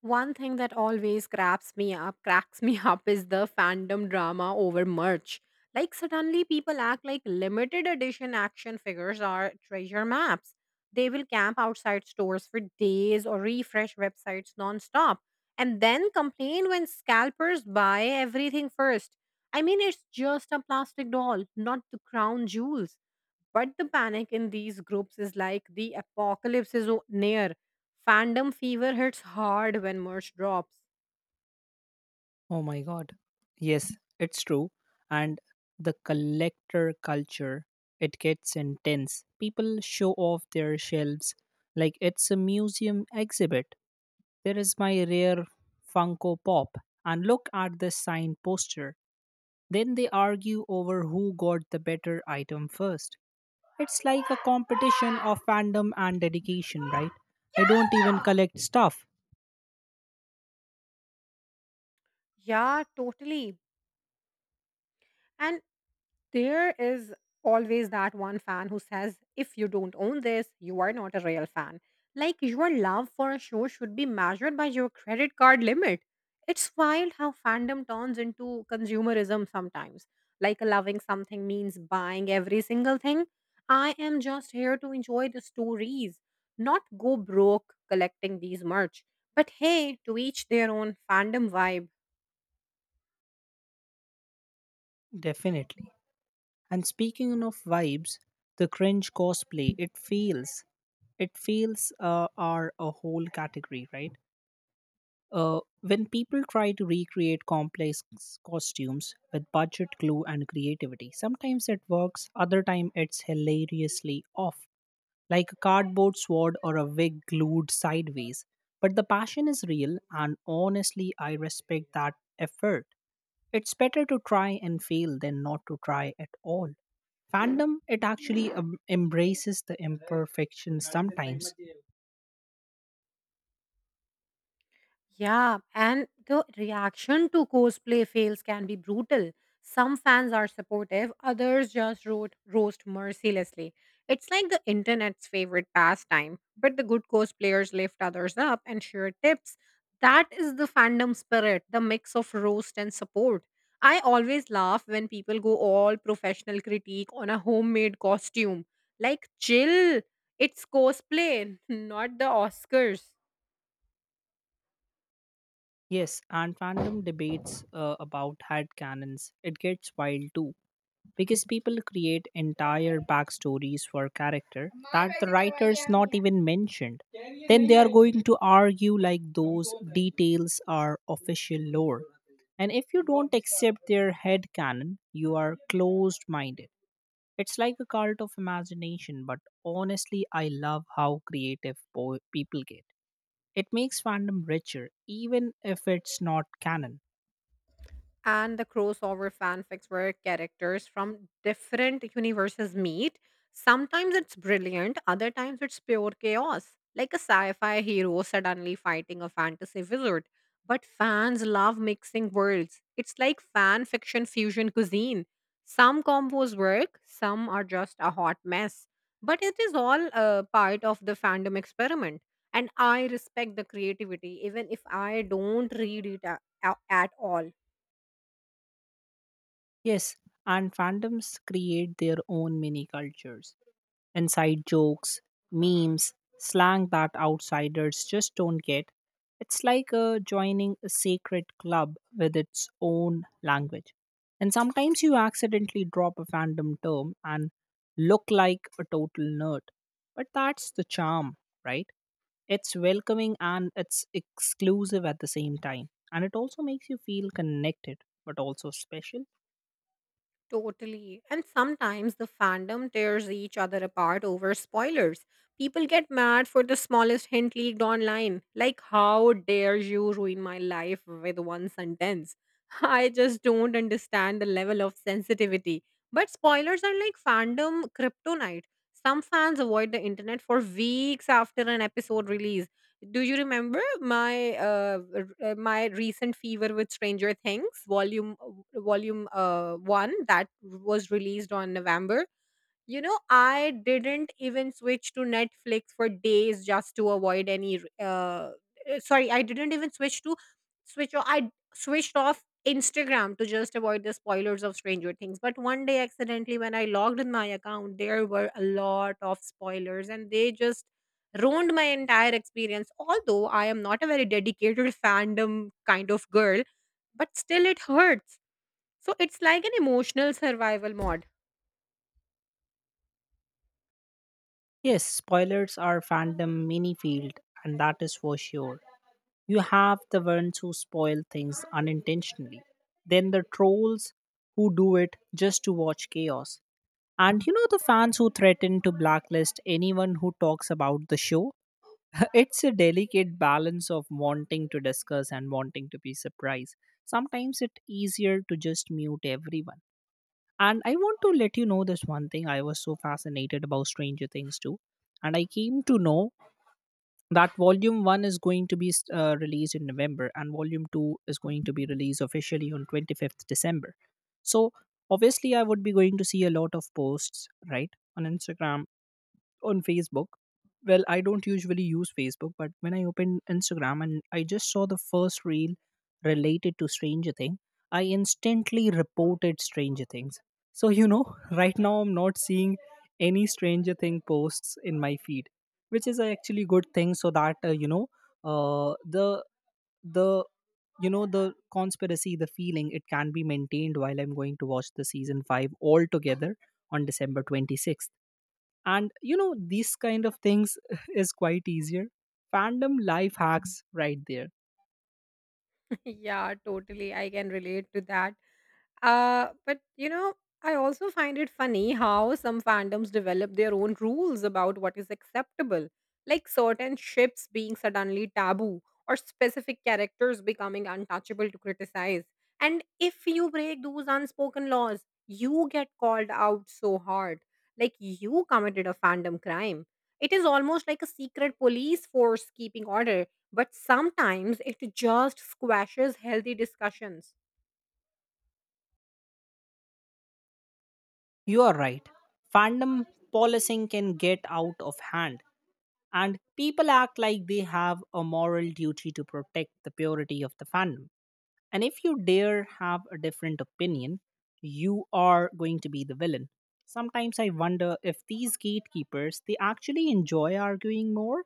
One thing that always grabs me up, cracks me up is the fandom drama over merch. Like suddenly people act like limited edition action figures are treasure maps. They will camp outside stores for days or refresh websites non-stop and then complain when scalpers buy everything first. I mean it's just a plastic doll, not the crown jewels. But the panic in these groups is like the apocalypse is near. Fandom fever hits hard when merch drops. Oh my god. Yes, it's true. And the collector culture, it gets intense. People show off their shelves like it's a museum exhibit. There is my rare Funko Pop, and look at this signed poster. Then they argue over who got the better item first. It's like a competition of fandom and dedication, right? I don't even collect stuff, Yeah, totally. And there is always that one fan who says, if you don't own this, you are not a real fan. Like your love for a show should be measured by your credit card limit. It's wild how fandom turns into consumerism sometimes. Like loving something means buying every single thing. I am just here to enjoy the stories, not go broke collecting these merch. But hey, to each their own fandom vibe. definitely. And speaking of vibes, the cringe cosplay, it feels are a whole category, right? When people try to recreate complex costumes with budget, glue, and creativity, sometimes it works, other time it's hilariously off, like a cardboard sword or a wig glued sideways. But the passion is real, and honestly, I respect that effort. It's better to try and fail than not to try at all. Fandom, it actually embraces the imperfection sometimes. Yeah, and the reaction to cosplay fails can be brutal. Some fans are supportive, others just roast mercilessly. It's like the internet's favorite pastime, but the good cosplayers lift others up and share tips. That is the fandom spirit, the mix of roast and support. I always laugh when people go all professional critique on a homemade costume. Like, chill, it's cosplay, not the Oscars. Yes, and fandom debates about headcanons, it gets wild too. Because people create entire backstories for character that the writers not even mentioned. Then they are going to argue like those details are official lore. And if you don't accept their head canon, you are closed minded. It's like a cult of imagination, but honestly, I love how creative people get. It makes fandom richer, even if it's not canon. And the crossover fanfics where characters from different universes meet. Sometimes it's brilliant, other times it's pure chaos, like a sci fi hero suddenly fighting a fantasy wizard. But fans love mixing worlds. It's like fan fiction fusion cuisine. Some combos work, some are just a hot mess. But it is all part of the fandom experiment. And I respect the creativity, even if I don't read it at all. Yes, and fandoms create their own mini cultures: inside jokes, memes, slang that outsiders just don't get. It's like joining a secret club with its own language. And sometimes you accidentally drop a fandom term and look like a total nerd. But that's the charm, right? It's welcoming and it's exclusive at the same time. And it also makes you feel connected, but also special. Totally. And sometimes the fandom tears each other apart over spoilers. People get mad for the smallest hint leaked online. Like, how dare you ruin my life with one sentence? I just don't understand the level of sensitivity. But spoilers are like fandom kryptonite. Some fans avoid the internet for weeks after an episode release. Do you remember my my recent fever with Stranger Things volume one that was released on November? You know, I didn't even switch to Netflix for days just to avoid sorry, I didn't even switch to switched off Instagram to just avoid the spoilers of Stranger Things. But one day accidentally when I logged in my account, there were a lot of spoilers and they just ruined my entire experience. Although I am not a very dedicated fandom kind of girl, but still it hurts. So it's like an emotional survival mode. Yes, spoilers are fandom mini field, and that is for sure. You have the ones who spoil things unintentionally, then the trolls who do it just to watch chaos, and you know the fans who threaten to blacklist anyone who talks about the show. It's a delicate balance of wanting to discuss and wanting to be surprised. Sometimes it's easier to just mute everyone. And I want to let you know this one thing. I was so fascinated about Stranger Things too. And I came to know that volume 1 is going to be released in November, and volume 2 is going to be released officially on 25th December. So obviously I would be going to see a lot of posts, right? On Instagram, on Facebook. Well, I don't usually use Facebook, but when I opened Instagram and I just saw the first reel related to Stranger Thing, I instantly reported Stranger Things. So, you know, right now I'm not seeing any Stranger Thing posts in my feed, which is a actually good thing so that, you know, uh, the, the, you know, the conspiracy, the feeling, it can be maintained while I'm going to watch the season 5 all together on December 26th. And you know these kind of things is quite easier. Fandom life hacks right there. Yeah, totally. I can relate to that. But you know, I also find it funny how some fandoms develop their own rules about what is acceptable, like certain ships being suddenly taboo or specific characters becoming untouchable to criticize. And if you break those unspoken laws, you get called out so hard, like you committed a fandom crime. It is almost like a secret police force keeping order, but sometimes it just squashes healthy discussions. You are right. Fandom policing can get out of hand, and people act like they have a moral duty to protect the purity of the fandom. And if you dare have a different opinion, you are going to be the villain. Sometimes I wonder if these gatekeepers they actually enjoy arguing more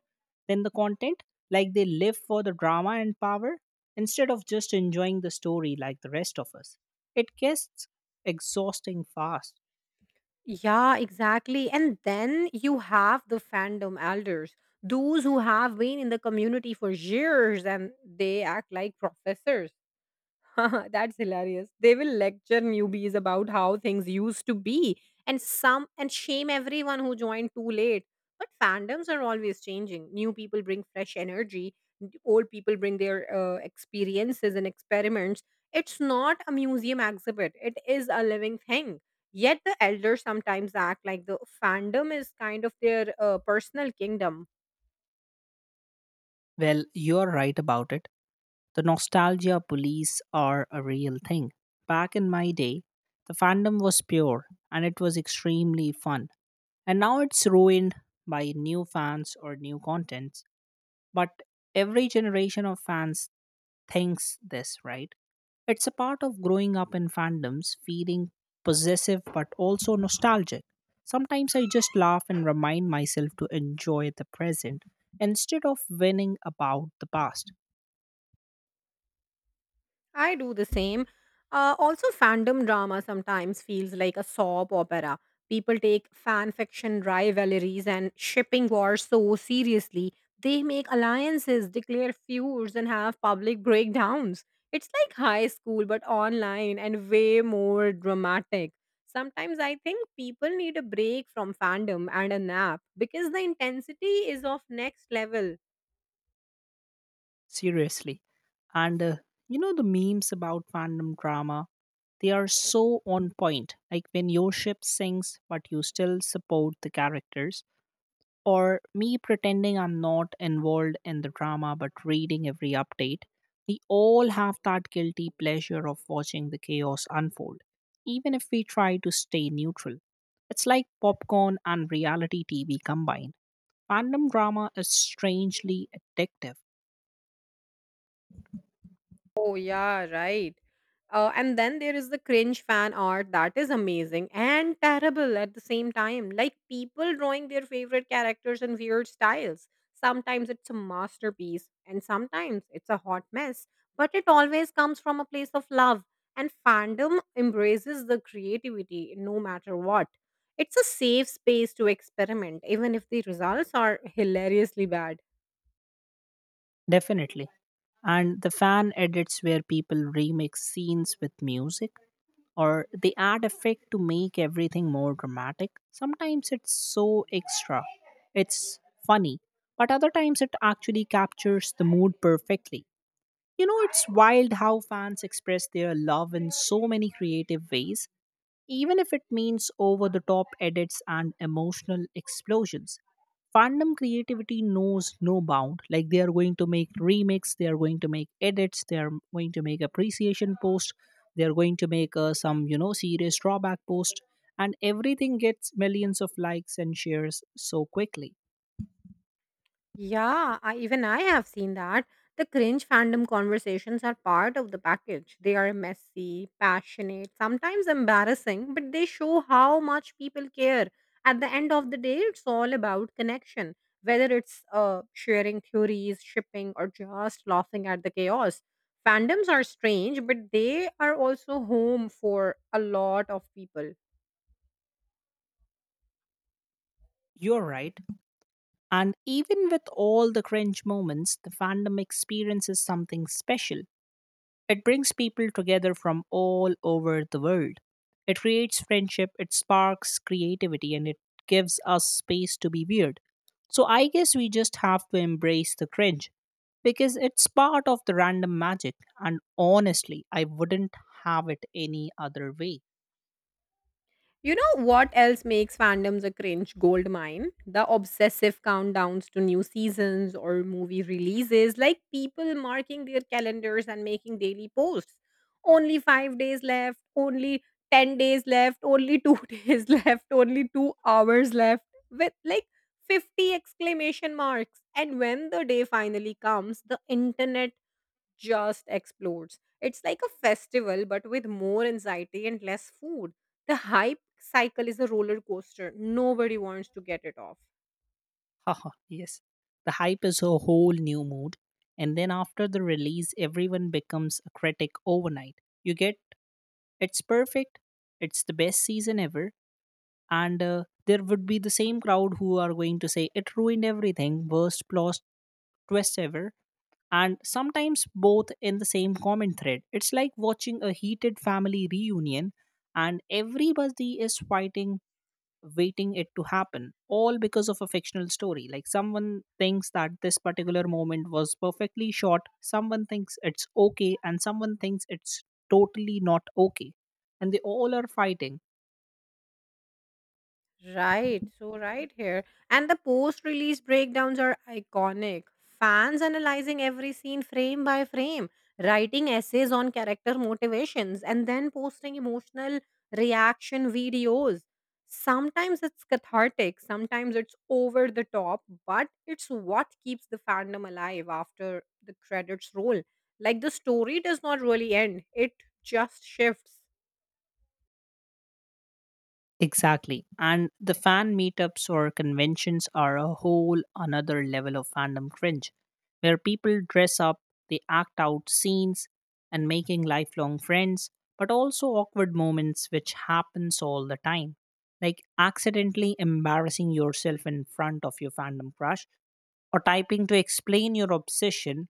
than the content, like they live for the drama and power instead of just enjoying the story like the rest of us. It gets exhausting fast. Yeah, exactly. And then you have the fandom elders, those who have been in the community for years and they act like professors. That's hilarious. They will lecture newbies about how things used to be and some and shame everyone who joined too late. But fandoms are always changing. New people bring fresh energy, old people bring their experiences and experiments. It's not a museum exhibit, it is a living thing. Yet the elders sometimes act like the fandom is kind of their personal kingdom. Well, you're right about it. The nostalgia police are a real thing. Back in my day, the fandom was pure and it was extremely fun, and now it's ruined by new fans or new contents. But every generation of fans thinks this, right? It's a part of growing up in fandoms, feeling possessive but also nostalgic. Sometimes I just laugh and remind myself to enjoy the present instead of whining about the past. I do the same. Also, fandom drama sometimes feels like a soap opera. People take fan fiction rivalries and shipping wars so seriously. They make alliances, declare feuds, and have public breakdowns. It's like high school, but online and way more dramatic. Sometimes I think people need a break from fandom and a nap because the intensity is of next level. Seriously. And you know the memes about fandom drama, they are so on point. Like when your ship sinks, but you still support the characters, or me pretending I'm not involved in the drama but reading every update. We all have that guilty pleasure of watching the chaos unfold, even if we try to stay neutral. It's like popcorn and reality TV combined. Fandom drama is strangely addictive. Oh yeah, right. And then there is the cringe fan art that is amazing and terrible at the same time. Like people drawing their favorite characters in weird styles. Sometimes it's a masterpiece and sometimes it's a hot mess, but it always comes from a place of love. And fandom embraces the creativity no matter what. It's a safe space to experiment, even if the results are hilariously bad. Definitely. And the fan edits where people remix scenes with music or they add effect to make everything more dramatic. Sometimes it's so extra. It's funny. But other times it actually captures the mood perfectly. You know, it's wild how fans express their love in so many creative ways, even if it means over the top edits and emotional explosions. Fandom creativity knows no bound. Like they are going to make remakes, they are going to make edits, they are going to make appreciation post, they are going to make some you know serious drawback post, and everything gets millions of likes and shares so quickly. Yeah, I, even I have seen that. The cringe fandom conversations are part of the package. They are messy, passionate, sometimes embarrassing, but they show how much people care. At the end of the day, it's all about connection, whether it's sharing theories, shipping, or just laughing at the chaos. Fandoms are strange, but they are also home for a lot of people. You're right. And even with all the cringe moments, the fandom experience is something special. It brings people together from all over the world. It creates friendship, it sparks creativity, and it gives us space to be weird. So I guess we just have to embrace the cringe because it's part of the random magic. And honestly, I wouldn't have it any other way. You know what else makes fandoms a cringe gold mine? The obsessive countdowns to new seasons or movie releases, like people marking their calendars and making daily posts. Only 5 days left, only 10 days left, only 2 days left, only 2 hours left, with like 50 exclamation marks. And when the day finally comes, the internet just explodes. It's like a festival, but with more anxiety and less food. The hype cycle is a roller coaster. Nobody wants to get it off. Haha, yes. The hype is a whole new mood. And then after the release, everyone becomes a critic overnight. You get, it's perfect, it's the best season ever, and there would be the same crowd who are going to say it ruined everything, worst plot twist ever. And sometimes both in the same comment thread, it's like watching a heated family reunion and everybody is fighting, waiting it to happen, all because of a fictional story. Like someone thinks that this particular moment was perfectly shot, someone thinks it's okay, and someone thinks it's totally not okay, and they all are fighting. Right, so right here. And the post release breakdowns are iconic. Fans analyzing every scene frame by frame, writing essays on character motivations, and then posting emotional reaction videos. Sometimes it's cathartic, sometimes it's over the top, but it's what keeps the fandom alive after the credits roll. Like the story does not really end, it just shifts. Exactly. And the fan meetups or conventions are a whole another level of fandom cringe, where people dress up, they act out scenes, and making lifelong friends, but also awkward moments which happens all the time. Like accidentally embarrassing yourself in front of your fandom crush, or typing to explain your obsession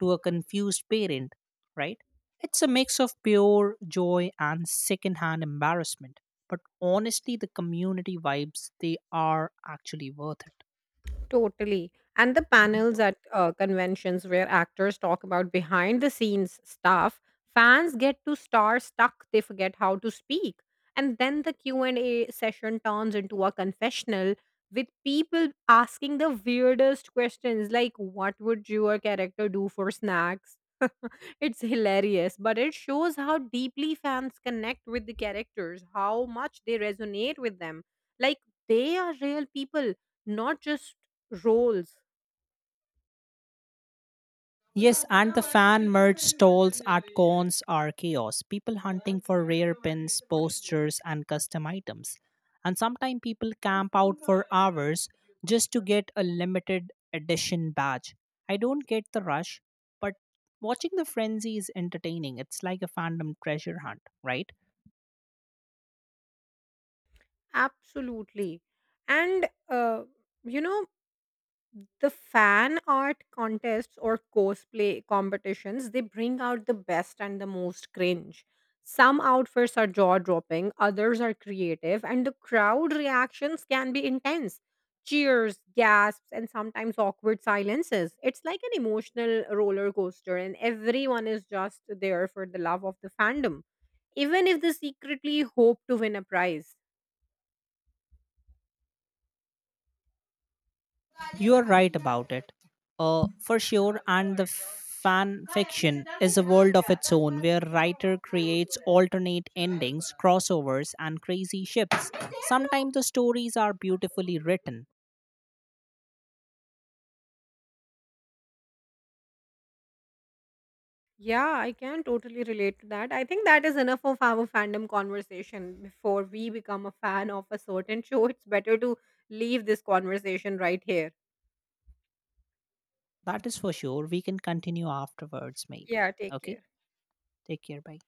to a confused parent, right? It's a mix of pure joy and secondhand embarrassment. But honestly, the community vibes, they are actually worth it. Totally. And the panels at conventions where actors talk about behind the scenes stuff, fans get to star stuck, they forget how to speak. And then the Q&A session turns into a confessional with people asking the weirdest questions like what would your character do for snacks? It's hilarious, but it shows how deeply fans connect with the characters, how much they resonate with them. Like they are real people, not just roles. Yes, and the fan merch stalls at cons are chaos. People hunting for rare pins, posters, and custom items. And sometimes people camp out for hours just to get a limited edition badge. I don't get the rush, but watching the frenzy is entertaining. It's like a fandom treasure hunt, right? Absolutely. And, you know, the fan art contests or cosplay competitions they bring out the best and the most cringe. Some outfits are jaw dropping, others are creative, and the crowd reactions can be intense. Cheers, gasps, and sometimes awkward silences. It's like an emotional roller coaster, and everyone is just there for the love of the fandom, even if they secretly hope to win a prize. You are right about it, for sure. And the fan fiction is a world of its own, where writer creates alternate endings, crossovers, and crazy ships. Sometimes the stories are beautifully written. Yeah, I can totally relate to that. I think that is enough of our fandom conversation. Before we become a fan of a certain show, it's better to leave this conversation right here. That is for sure. We can continue afterwards, maybe. Yeah, take Okay. care. Take care. Bye.